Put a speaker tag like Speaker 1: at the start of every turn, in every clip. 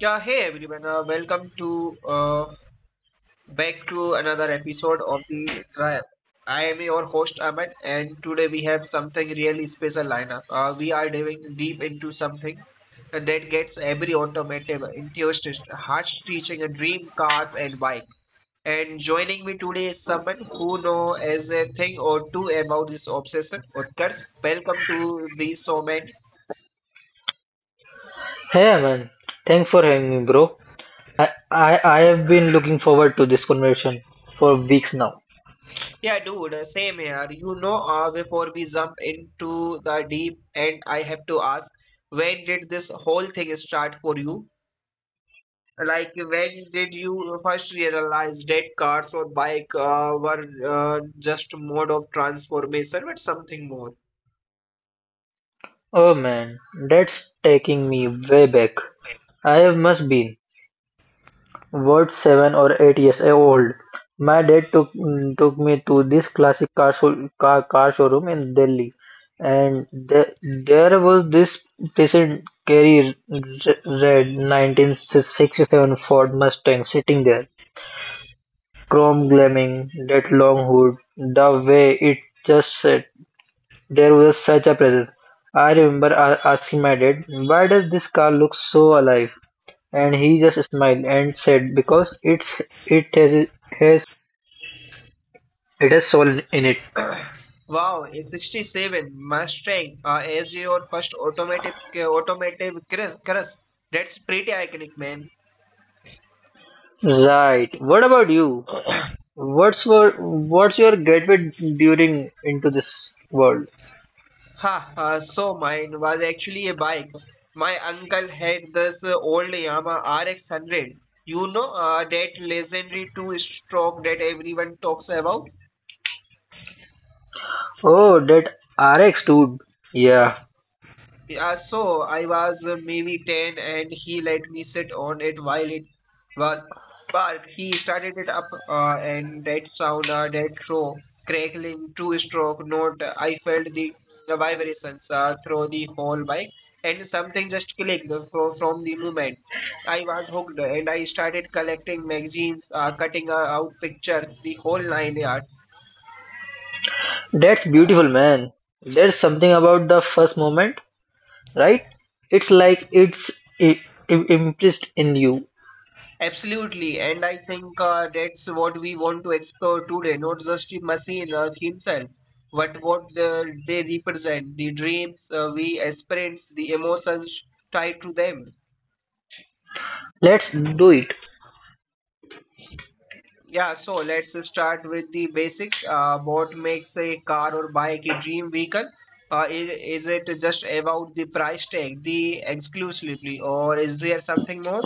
Speaker 1: Yeah, hey everyone, welcome to back to another episode of the trial. I am your host Ahmed, and today we have something really special lineup. We are diving deep into something that gets every automotive enthusiast, harsh teaching, a dream cars and bike. And joining me today is someone who knows as a thing or two about this obsession. Utkarsh, welcome to the showman.
Speaker 2: Hey man, thanks for having me, bro. I have been looking forward to this conversation for weeks now.
Speaker 1: Yeah, dude, same here. You know, before we jump into the deep end, I have to ask, when did this whole thing start for you? Like, when did you first realize that cars or bike were just mode of transformation, but something more?
Speaker 2: Oh man, that's taking me way back. I have must been what 7 or 8 years old. My dad took me to this classic car showroom in Delhi, and there was this decent, scary red 1967 Ford Mustang sitting there Chrome Cromlech, that long hood, the way it just sat, there was such a presence. I remember asking my dad, why does this car look so alive? And he just smiled and said, because has it has soul in it.
Speaker 1: Wow, a 67 Mustang as your first automatic automotive crush. That's pretty iconic, man.
Speaker 2: Right. What about you? What's your what's your gateway during into this world?
Speaker 1: Ha, so mine was actually a bike. My uncle had this old Yamaha RX 100. You know, that legendary two-stroke that everyone talks about.
Speaker 2: Oh, that RX, dude. Yeah,
Speaker 1: Yeah, so I was maybe 10 and he let me sit on it while it was but he started it up and that sound that throw crackling two stroke note I felt the vibrations through the whole bike and something just clicked from the movement. I was hooked and I started collecting magazines cutting out pictures the whole nine yards.
Speaker 2: that's beautiful, man. There's something about the first moment, right? It's like it's i- impressed in you.
Speaker 1: Absolutely, and I think that's what we want to explore today, not just the machine or himself, but what they represent, the dreams we experience, the emotions tied to them.
Speaker 2: Let's do it.
Speaker 1: Yeah, so let's start with the basics. What makes a car or bike a dream vehicle? Is it just about the price tag, the exclusively, or is there something more?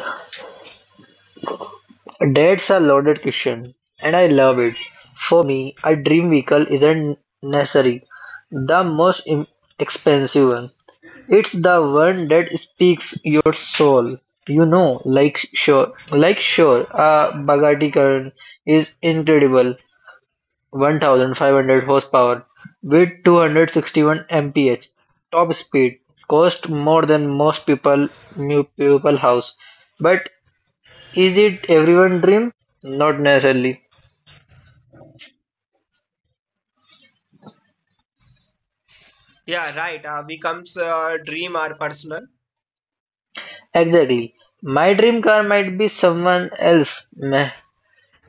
Speaker 2: That's a loaded question, and I love it. For me, a dream vehicle isn't necessary the most expensive one. It's the one that speaks your soul. You know, like sure, a Bugatti Chiron is incredible, 1,500 horsepower, with 261 mph top speed, cost more than most people new people house. But is it everyone dream? Not necessarily.
Speaker 1: Yeah, right. Becomes dream are personal.
Speaker 2: Exactly. My dream car might be someone else. Meh.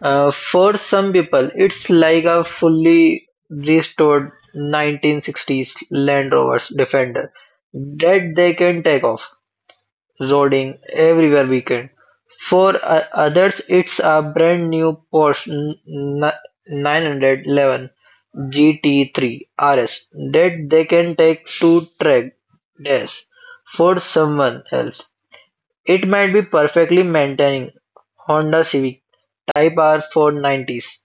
Speaker 2: For some people, it's like a fully restored 1960s Land Rover's Defender that they can take off roading everywhere weekend. For others, it's a brand new Porsche 911 GT3 RS that they can take to track days. For someone else, it might be perfectly maintaining Honda Civic Type R for 90s.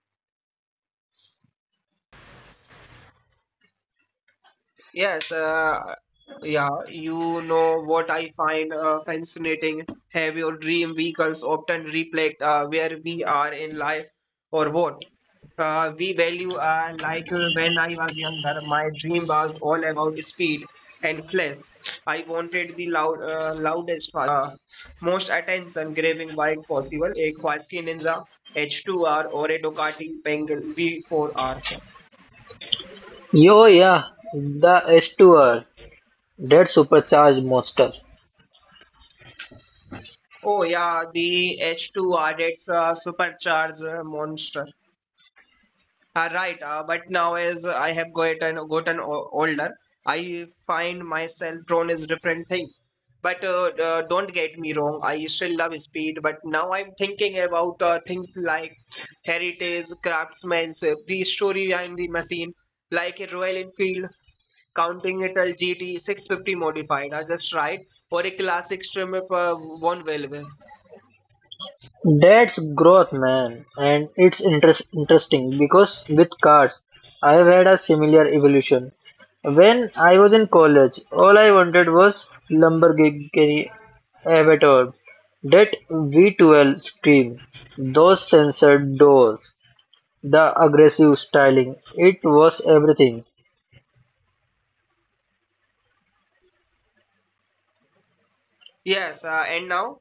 Speaker 1: Yes, yeah, you know what I find fascinating. Have your dream vehicles often reflect where we are in life or what we value? Like when I was younger, my dream was all about speed and flash. I wanted the loud, loudest, most attention-grabbing bike possible, a Kawasaki Ninja H2R or a Ducati Penguin V4R.
Speaker 2: Yo, yeah, the S2R, that supercharged monster.
Speaker 1: Oh yeah, the H2 RDX supercharged monster. Right, but now as I have gotten older, I find myself drawn as different things. But don't get me wrong, I still love speed. But now I'm thinking about things like heritage, craftsmanship, the story behind the machine, like a Royal Enfield, counting it as GT 650 modified, just right, or a classic trim if one railway.
Speaker 2: That's growth, man, and it's interesting because with cars, I've had a similar evolution. When I was in college, all I wanted was Lamborghini Avatar, that V12 scream, those censored doors, the aggressive styling. It was everything.
Speaker 1: Yes, and now?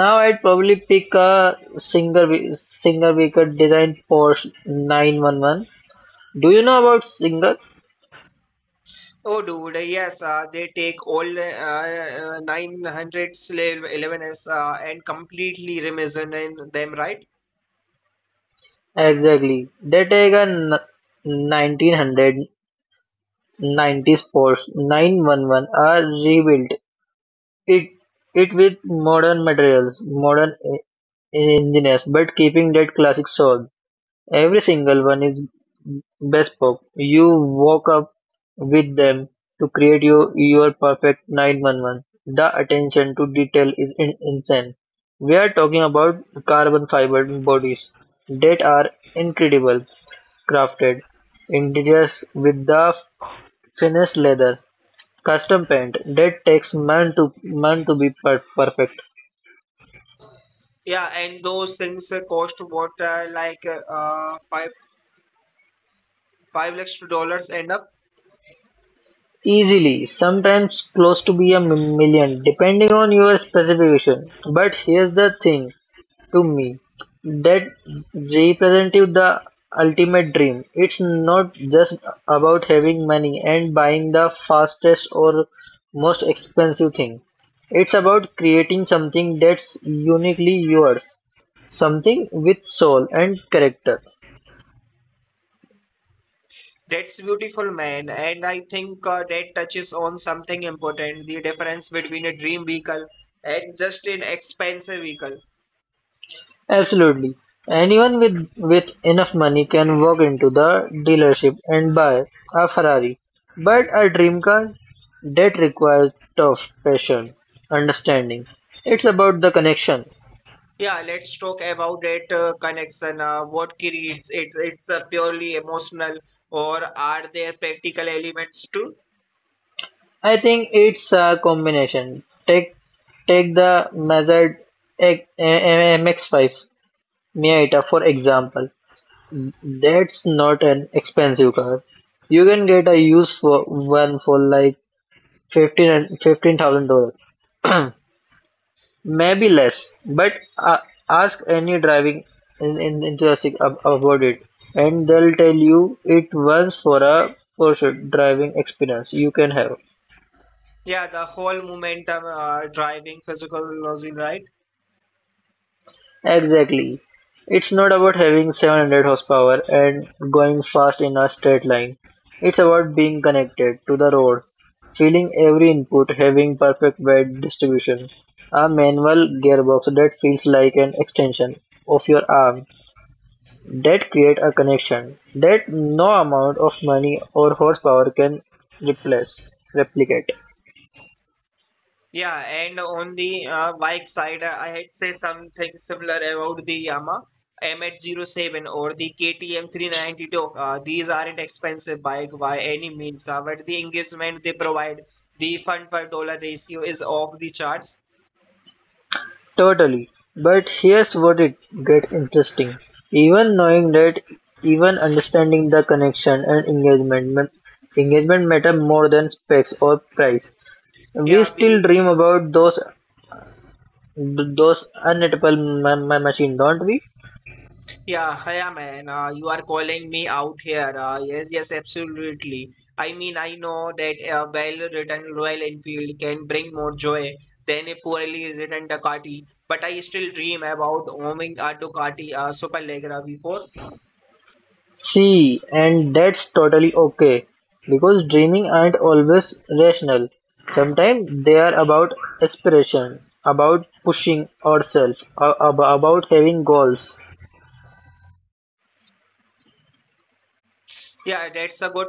Speaker 2: Now I'd probably pick a Singer Baker designed Porsche 911. Do you know about Singer?
Speaker 1: Oh, dude, yes, they take all 900s, 11s, and completely remission in them, right?
Speaker 2: Exactly. They take a 1990 Sports 911 are rebuilt it it with modern materials, modern engineers, but keeping that classic soul. Every single one is bespoke. You walk up with them to create your perfect 911. The attention to detail is insane. We are talking about carbon fiber bodies that are incredible crafted interiors with the finest leather, custom paint that takes months to months to be perfect.
Speaker 1: Yeah, and those things cost what, like five lakhs to dollars end up.
Speaker 2: Easily, sometimes close to be a million, depending on your specification. But here's the thing: to me, that represented the ultimate dream. It's not just about having money and buying the fastest or most expensive thing. It's about creating something that's uniquely yours, something with soul and character.
Speaker 1: That's beautiful, man. And I think that touches on something important, the difference between a dream vehicle and just an expensive vehicle.
Speaker 2: Absolutely. Anyone with enough money can walk into the dealership and buy a Ferrari. But a dream car, that requires tough passion, understanding. It's about the connection.
Speaker 1: Yeah, let's talk about that connection. What creates it? It's purely emotional, or are there practical elements too?
Speaker 2: I think it's a combination. Take the Mazda MX-5 Miata for example. That's not an expensive car. You can get a used for one for like $15 and $15,000. Maybe less, but ask any driving enthusiastic about it, and they'll tell you it once for a pursuit driving experience you can have.
Speaker 1: Yeah, the whole momentum driving physical losing, right?
Speaker 2: Exactly. It's not about having 700 horsepower and going fast in a straight line. It's about being connected to the road, feeling every input, having perfect weight distribution, a manual gearbox that feels like an extension of your arm. That create a connection that no amount of money or horsepower can replicate.
Speaker 1: Yeah, and on the bike side, I had say something similar about the Yamaha mh 07 or the KTM 392. These aren't expensive bike by any means, but the engagement they provide, the fun per dollar ratio is off the charts.
Speaker 2: Totally. But here's what it gets interesting. Even knowing that, even understanding the connection and engagement, engagement matter more than specs or price. We
Speaker 1: Yeah, be
Speaker 2: still dream about those unattainable machine, don't we?
Speaker 1: yeah, yeah, man. You are calling me out here. Yes, yes, absolutely. I mean, I know that a well-written Royal Enfield can bring more joy than a poorly written Ducati, but I still dream about owning a Ducati Superleggera before.
Speaker 2: See, and that's totally okay because dreaming aren't always rational. Sometimes they are about aspiration, about pushing ourselves, about having goals.
Speaker 1: Yeah, that's a good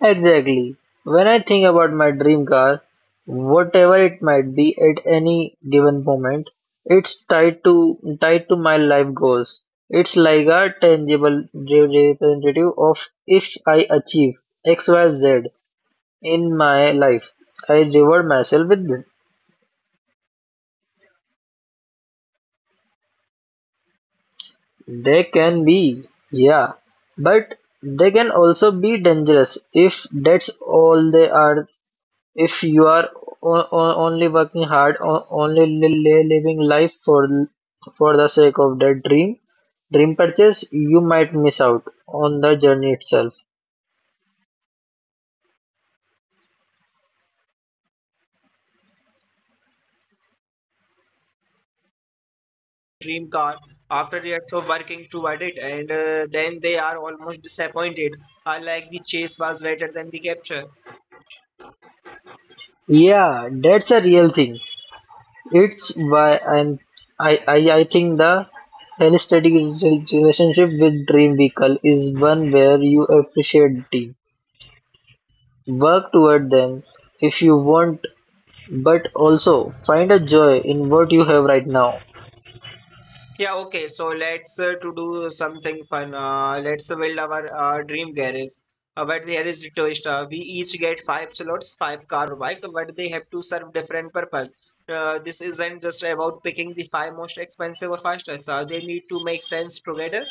Speaker 2: Exactly. When I think about my dream car, whatever it might be at any given moment, it's tied to my life goals. It's like a tangible representative of if I achieve X, Y, Z in my life. I reward myself with this. They can be, yeah, but they can also be dangerous if that's all they are. If you are only working hard, only living life for the sake of that dream purchase, you might miss out on the journey itself.
Speaker 1: dream car after years of working toward it, and then they are almost disappointed. I like the chase was better than the capture.
Speaker 2: Yeah, that's a real thing. It's why I think the holistic relationship with dream vehicle is one where you appreciate team, work toward them if you want, but also find a joy in what you have right now.
Speaker 1: Yeah, okay. So let's to do something fun. Let's build our dream garage. But there is a twist. We each get five slots, five car or bike, but they have to serve different purpose. This isn't just about picking the five most expensive or fastest. They need to make sense together.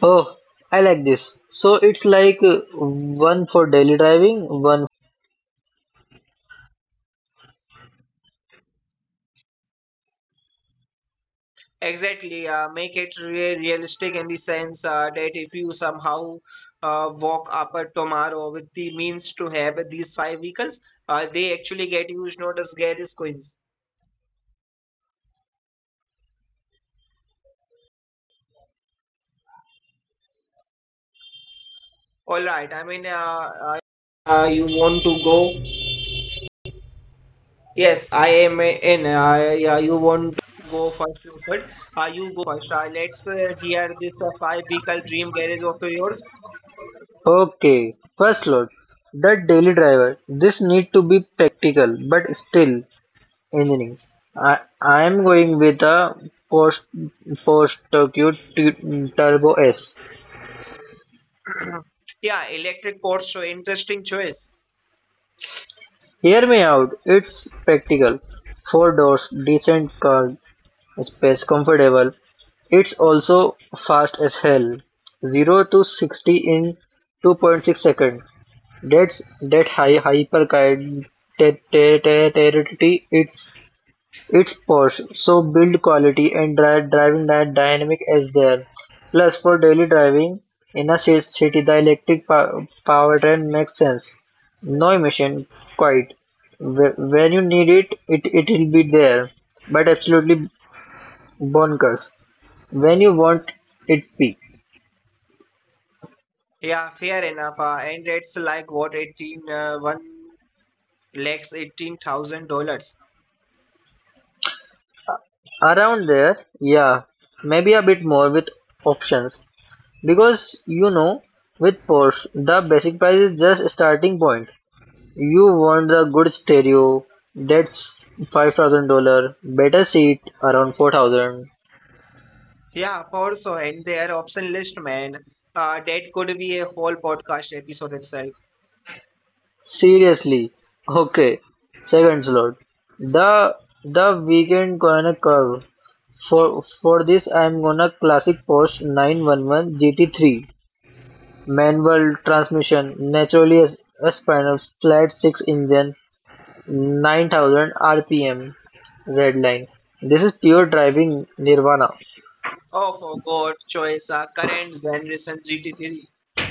Speaker 2: Oh, I like this. So it's like one for daily driving, one.
Speaker 1: Exactly, make it realistic in the sense that if you somehow walk up a tomorrow with the means to have these five vehicles, they actually get used, not as garage coins. All right, I mean, you want to go? Yes, I am in. Yeah, you want to go first, you said. You first. Let's hear this five vehicle dream garage of yours.
Speaker 2: Okay, first lot, the daily driver. This need to be practical but still engineering. I am going with a post post Tokyo Turbo S.
Speaker 1: Yeah, electric Porsche, interesting choice.
Speaker 2: Hear me out. It's practical. Four doors, decent car space, comfortable. It's also fast as hell. 0 to 60 in 2.6 seconds. That's that high hyper kite territory. It's Porsche, so build quality and driving dynamic as there. Plus, for daily driving in a city, the electric powertrain makes sense. No emission, quite. When you need it, it will be there, but absolutely bonkers. When you want it, peak
Speaker 1: Yeah, fair enough. And it's like what 18 one lakhs $18,000.
Speaker 2: around there, yeah, maybe a bit more with options because you know, with Porsche, the basic price is just a starting point. You want the good stereo, that's $5,000. Better seat around 4,000.
Speaker 1: Yeah, also, and their option list, man. That could be a whole podcast episode itself.
Speaker 2: Seriously. Okay. Second slot. The the weekend corner curve. For this I'm gonna classic Porsche 911 GT3. Manual transmission, naturally aspinal, flat six engine, 9000 RPM, red line. This is pure driving nirvana.
Speaker 1: Oh, for God, choice, current generation GT3.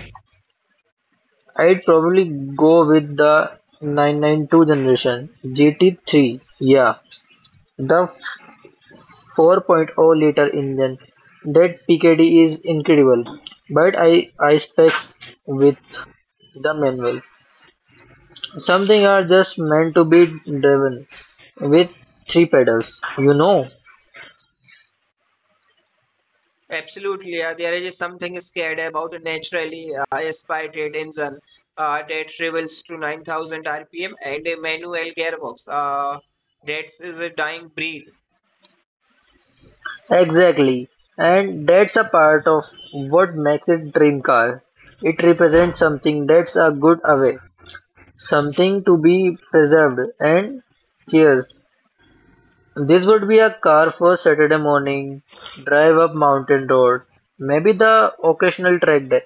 Speaker 2: I'd probably go with the 992 generation GT3. Yeah, the 4.0-liter engine. That PKD is incredible, but I spec with the manual. Something are just meant to be driven with three pedals, you know.
Speaker 1: Absolutely, there is something scared about a naturally aspirated engine that travels to 9000 RPM and a manual gearbox. That is a dying breed.
Speaker 2: Exactly, and that's a part of what makes it dream car. It represents something that's a good away. Something to be preserved and cherished. This would be a car for Saturday morning, drive up mountain road, maybe the occasional track day.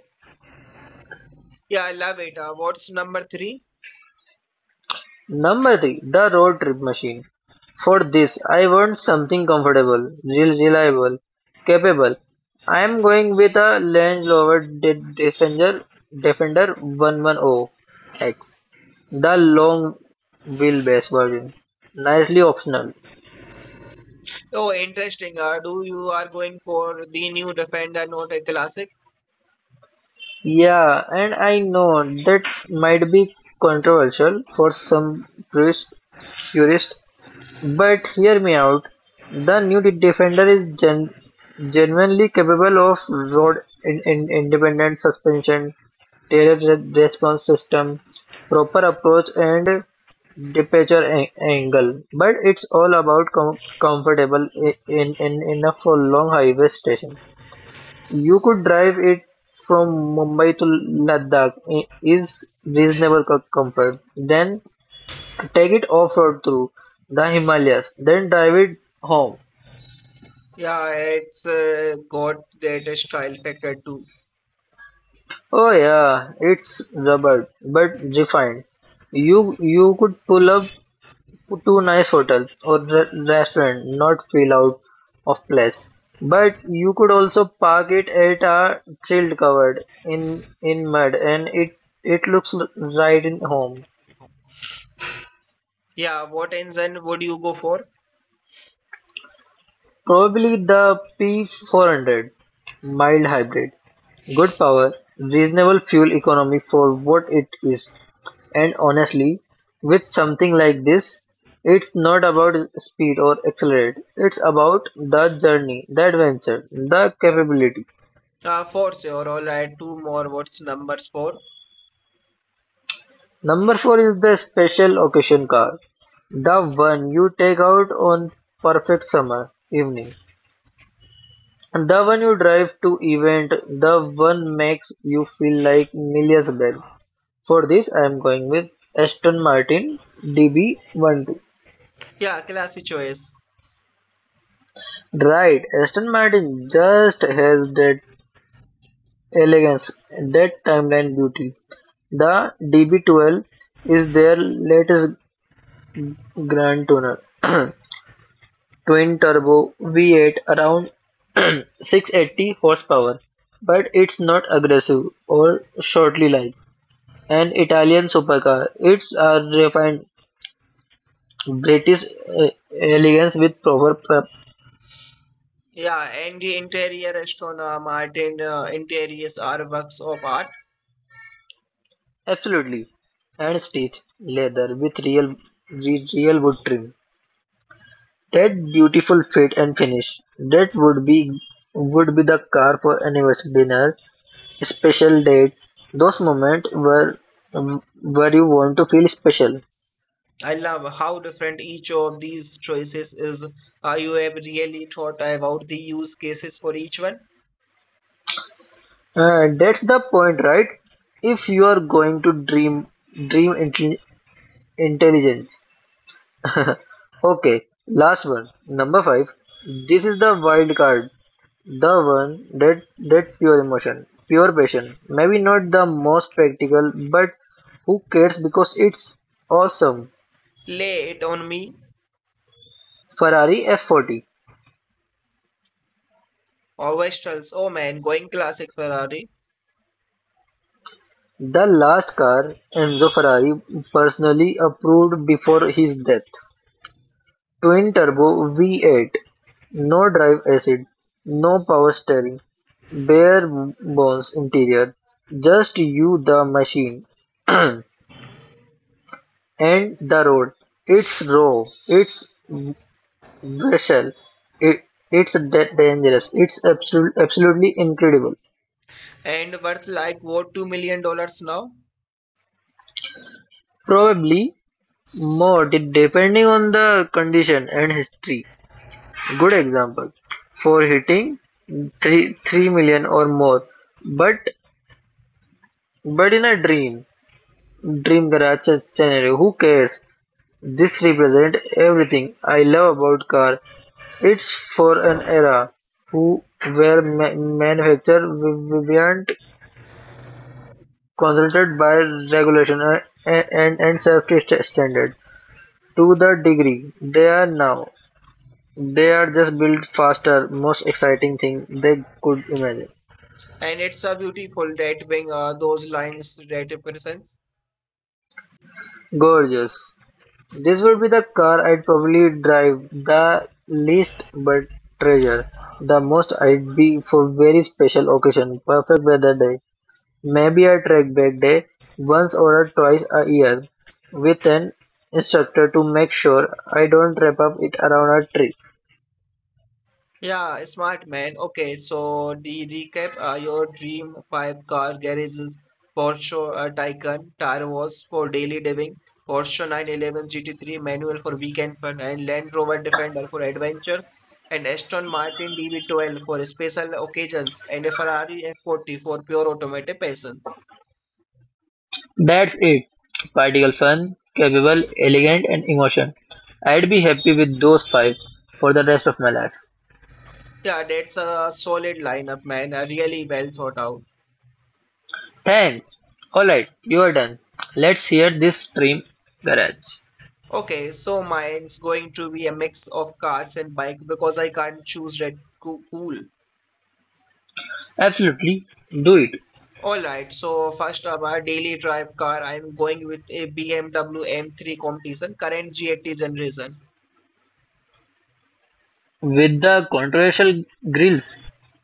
Speaker 1: Yeah, I love it. What's number three?
Speaker 2: Number 3. The road trip machine. For this, I want something comfortable, reliable, capable. I am going with a Range Rover Defender 110X, the long wheelbase version, nicely optional.
Speaker 1: Oh, interesting. Do you are going for the new Defender, not a classic?
Speaker 2: Yeah, and I know that might be controversial for some purists, but hear me out. The new Defender is genuinely capable of road independent suspension, tailored response system, proper approach, and departure angle. But it's all about comfortable enough for long highway station. You could drive it from Mumbai to Ladakh is reasonable comfort. Then take it off-road through the Himalayas. Then drive it home.
Speaker 1: Yeah, it's got that style factor too.
Speaker 2: Oh yeah, it's rubber but refined. You could pull up to nice hotel or restaurant, not feel out of place. But you could also park it at a trail covered in mud, and it looks right in home.
Speaker 1: Yeah, what engine would you go for?
Speaker 2: Probably the P 400 mild hybrid: good power, reasonable fuel economy for what it is, and honestly, with something like this, it's not about speed or accelerate. It's about the journey, the adventure, the capability.
Speaker 1: For sure, I'll add two more. What's numbers for?
Speaker 2: Number four is the special occasion car, the one you take out on perfect summer evening. The one you drive to event, the one makes you feel like Milia's bag. For this, I am going with Aston Martin DB12.
Speaker 1: Yeah, classic choice.
Speaker 2: Right, Aston Martin just has that elegance, that timeline beauty. The DB12 is their latest grand tuner, twin turbo V8 around 680 horsepower, but it's not aggressive or shortly like. An Italian supercar, it's a refined British elegance with proper prep,
Speaker 1: Yeah, and the interior Estona Martin interiors are works of art.
Speaker 2: absolutely, and stitched leather with real wood trim. That beautiful fit and finish. That would be the car for anniversary dinner, special date. Those moments where you want to feel special.
Speaker 1: I love how different each of these choices is. You have really thought about the use cases for each one.
Speaker 2: That's the point, right? If you are going to dream, dream intelligent. Okay, last one, number five. This is the wild card, the one that pure emotion, pure passion. Maybe not the most practical, but who cares because it's awesome.
Speaker 1: Lay it on me.
Speaker 2: Ferrari F40,
Speaker 1: Always tells, oh man, going classic Ferrari
Speaker 2: the last car Enzo Ferrari personally approved before his death. Twin turbo V8, no drive acid, no power steering, bare bones interior, just you the machine. And the road, it's raw, it's bristle, it, it's that dangerous, it's absolutely incredible.
Speaker 1: and worth like what $2 million now.
Speaker 2: Probably more depending on the condition and history. Good example for hitting three million or more, but but in a dream garage scenario. Who cares? This represent everything I love about car. It's for an era who where manufacturers weren't consulted by regulation and, safety standards to the degree they are now. They are just built faster, most exciting thing they could imagine.
Speaker 1: And it's a beautiful that wing, those lines that represents.
Speaker 2: Gorgeous. This would be the car I'd probably drive the least but treasure the most. I'd be for very special occasion, perfect weather day. Maybe a track back day once or twice a year with an instructor to make sure I don't wrap up it around a tree.
Speaker 1: Yeah, smart man. Okay, so the recap your dream five car garages Porsche Taycan, Tire Wars for daily living, Porsche 911 GT3 manual for weekend fun, and Land Rover Defender for adventure, and Aston Martin DB12 for special occasions, and a Ferrari F40 for pure automatic passions.
Speaker 2: That's it. Practical fun, capable, elegant and emotion. I'd be happy with those five for the rest of my life.
Speaker 1: Yeah, that's a solid lineup, man. Really well thought out.
Speaker 2: Thanks. Alright, you are done. Let's hear this stream garage.
Speaker 1: Okay, so mine's going to be a mix of cars and bike because I can't choose red cool.
Speaker 2: Absolutely. Do it.
Speaker 1: All right, so first up, our daily drive car. I'm going with a BMW M3 competition, current G80 generation.
Speaker 2: With the controversial grills.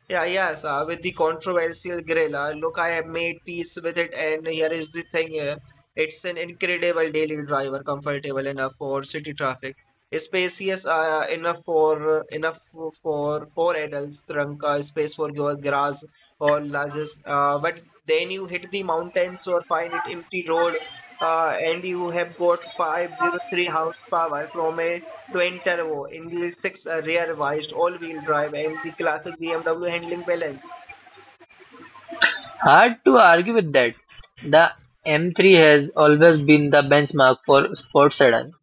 Speaker 1: Yeah, yes, with the controversial grill. Look, I have made peace with it, and here is the thing here. It's an incredible daily driver, comfortable enough for city traffic, spacious enough for four adults, trunk space for your garage or largest. But then you hit the mountains or find it empty road, and you have got 503 house horsepower from a to enter English six rear vised all-wheel drive and the classic BMW handling balance.
Speaker 2: Hard to argue with that. The M3 has always been the benchmark for sports sedan.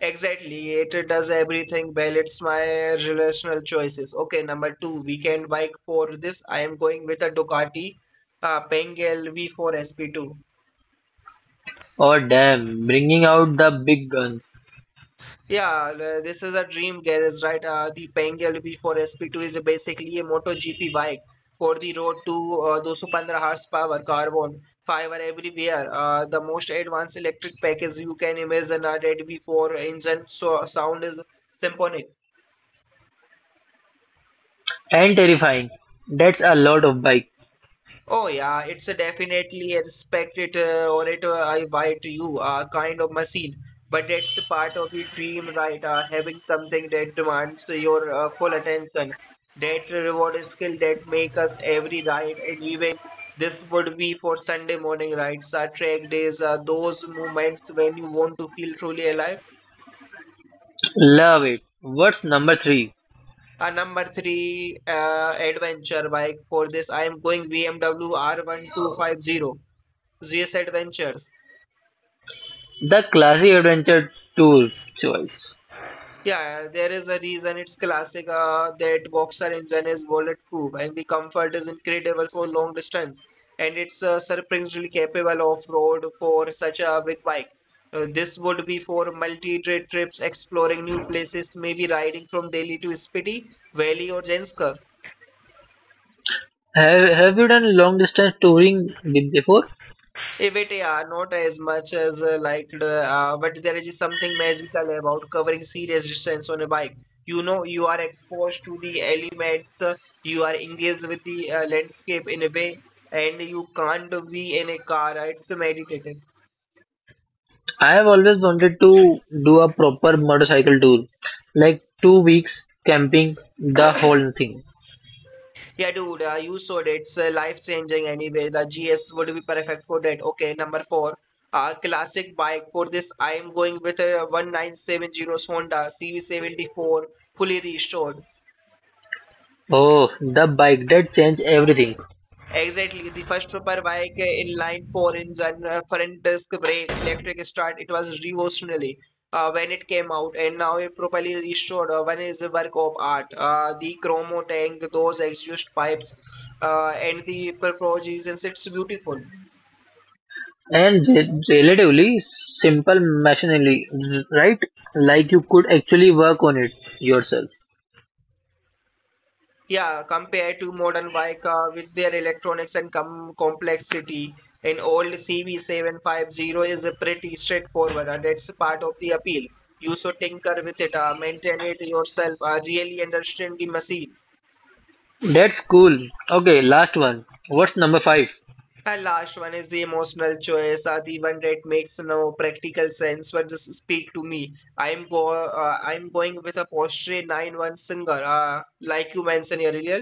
Speaker 1: Exactly, it does everything well. It's my relational choices. Okay, number two, weekend bike for this. I am going with a Ducati Pengal V4 SP2.
Speaker 2: Oh damn, bringing out the big guns.
Speaker 1: Yeah, this is a dream garage, right? The Bengal V4 SP2 is basically a MotoGP bike for the road to 215 horsepower carbon fiber everywhere. The most advanced electric package you can imagine. That V4 engine so sound is symphonic.
Speaker 2: And terrifying. That's a lot of bike.
Speaker 1: Oh yeah, it's a definitely a respect it or it I buy to you kind of machine, but it's a part of the dream, right? Having something that demands your full attention, that reward is skill that make us every right, and even this would be for Sunday morning rides, track days, those moments when you want to feel truly alive.
Speaker 2: Love it. What's number 3?
Speaker 1: Number three, adventure bike. For this, I am going BMW R1250 GS Adventures.
Speaker 2: The classy adventure tour choice.
Speaker 1: Yeah, there is a reason it's classic that Boxer engine is bulletproof and the comfort is incredible for long distance and it's surprisingly capable off road for such a big bike. This would be for multi-day trips, exploring new places, maybe riding from Delhi to Spiti Valley or Janskar.
Speaker 2: Have you done long distance touring before?
Speaker 1: Even, yeah, not as much as but there is something magical about covering serious distance on a bike. You know, you are exposed to the elements, you are engaged with the landscape in a way, and you can't be in a car. It's meditative.
Speaker 2: I have always wanted to do a proper motorcycle tour. Like 2 weeks camping, the whole thing.
Speaker 1: Yeah, dude, you saw it. It's life changing anyway. The GS would be perfect for that. Okay, number four. Classic bike for this. I am going with a 1970 Honda CV74 fully restored.
Speaker 2: Oh, the bike that changed everything.
Speaker 1: Exactly, the first superbike in line 4 engine front disc brake electric start. It was revolutionary when it came out, and now it properly restored. One is a work of art. The chromo tank, those exhaust pipes, and the proportions it's beautiful.
Speaker 2: And relatively simple machinery, right? Like you could actually work on it yourself.
Speaker 1: Yeah, compared to modern Vica with their electronics and complexity, an old CV750 is a pretty straightforward, and that's part of the appeal. You should tinker with it, maintain it yourself, really understand the machine.
Speaker 2: That's cool. Okay, last one. What's number five?
Speaker 1: And last one is the emotional choice, the one that makes no practical sense, but just speak to me. I'm going with a Porsche 911 Singer, like you mentioned earlier.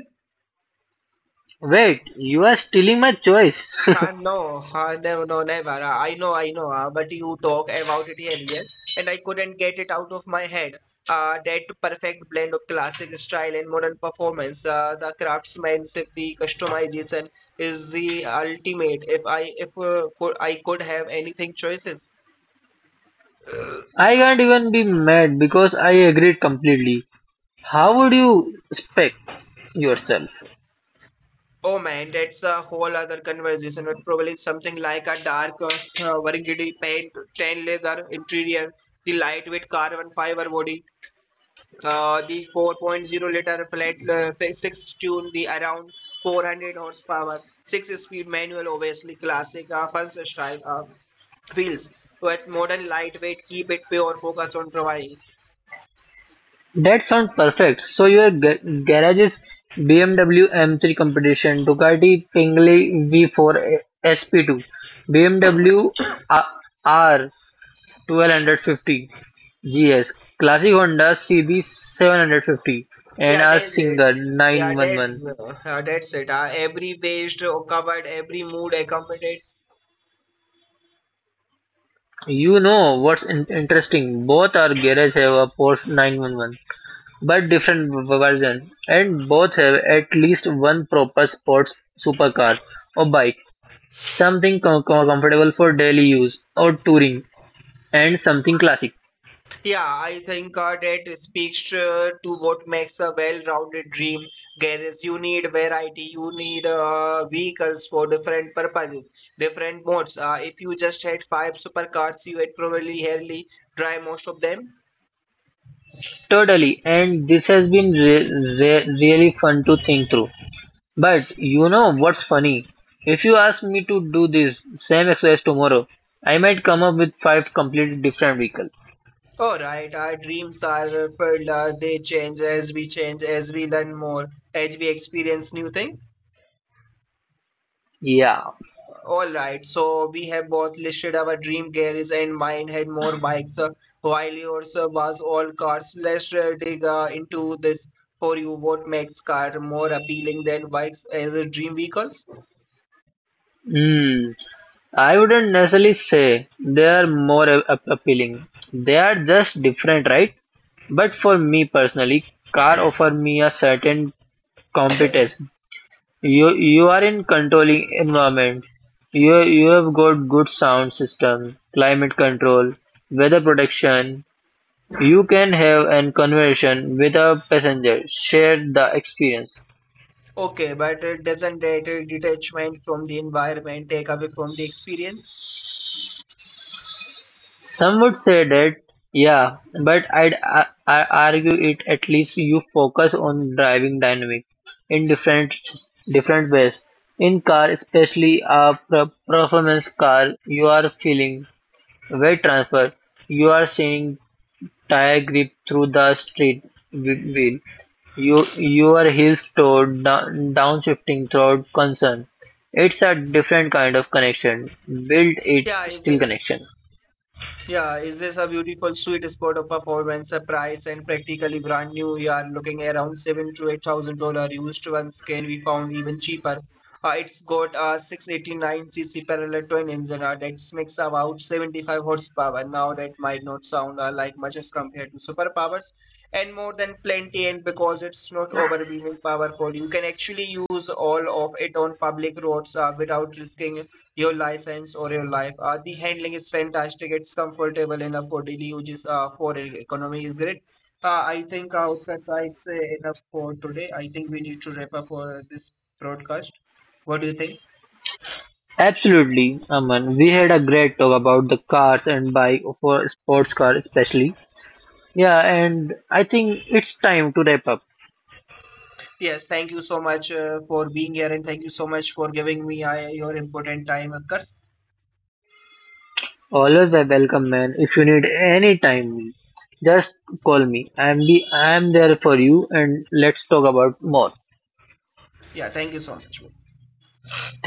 Speaker 2: Wait, you are stealing my choice.
Speaker 1: No, never. I know, I know. But you talk about it earlier, and I couldn't get it out of my head. That perfect blend of classic style and modern performance. The craftsmanship, the customization is the ultimate. If I could have anything choices.
Speaker 2: I can't even be mad because I agreed completely. How would you spec yourself?
Speaker 1: Oh man, that's a whole other conversation. But probably something like a dark, burgundy paint, tan leather interior, the lightweight carbon fiber body. The 4.0 liter flat six tune the around 400 horsepower six speed manual obviously classic fun style feels but modern lightweight keep it pure focus on providing
Speaker 2: That sounds perfect. So your garage is BMW M3 competition, Ducati Pingley V4 SP2, BMW R 1250 GS, Classic Honda CB 750, and
Speaker 1: yeah
Speaker 2: a
Speaker 1: that's it
Speaker 2: Singer
Speaker 1: yeah
Speaker 2: 911.
Speaker 1: that's it every waist covered every mood accommodated.
Speaker 2: You know what's interesting? Both our garage have a Porsche 911, but different version, and both have at least one proper sports supercar or bike. Something comfortable for daily use or touring, and something classic.
Speaker 1: Yeah, I think that speaks to what makes a well-rounded dream garage. You need variety, you need vehicles for different purposes, different modes. If you just had five supercars, you would probably hardly drive most of them.
Speaker 2: Totally, and this has been really fun to think through. But you know what's funny? If you ask me to do this same exercise tomorrow, I might come up with five completely different vehicles.
Speaker 1: All right, our dreams are filled, they change, as we learn more, as we experience new things.
Speaker 2: Yeah.
Speaker 1: All right, so we have both listed our dream carriage, and mine had more bikes, while yours was all cars. Let's dig into this for you. What makes car more appealing than bikes as a dream vehicles?
Speaker 2: Hmm. I wouldn't necessarily say they are more appealing. They are just different, right? But for me personally, car offer me a certain competence. You are in controlling environment. You have got good sound system, climate control, weather protection. You can have an conversation with a passenger, share the experience.
Speaker 1: Okay, but doesn't that detachment from the environment take away from the experience?
Speaker 2: Some would say that yeah, but I'd I argue it at least you focus on driving dynamic in different ways. In car, especially a performance car, you are feeling weight transfer you are seeing Tire grip through the street. Steering wheel, You, your heels toe downshifting throughout. Concern. It's a different kind of connection. Build it
Speaker 1: Yeah, is,
Speaker 2: still connection.
Speaker 1: Yeah, is this a beautiful sweet spot of performance, a price and practically brand new? You are looking around seven to eight thousand dollar used one scale we found even cheaper. It's got a 689 cc parallel twin engine that makes about 75 horsepower. Now that might not sound like much as compared to superpowers and more than plenty and because it's not overwhelming powerful you can actually use all of it on public roads without risking your license or your life. The handling is fantastic. It's comfortable enough for daily uses. For economy is great. I think Utkar it's enough for today. I think we need to wrap up for this broadcast. What do you think?
Speaker 2: Absolutely, Aman. We had a great talk about the cars and bike for sports car especially. Yeah, and I think it's time to wrap up.
Speaker 1: Yes, thank you so much for being here and thank you so much for giving me your important time, Utkar.
Speaker 2: Always a welcome, man. If you need any time, just call me. I'm there
Speaker 1: Yes.
Speaker 2: for you, and let's talk about more.
Speaker 1: Yeah, thank you so much.
Speaker 2: Thank.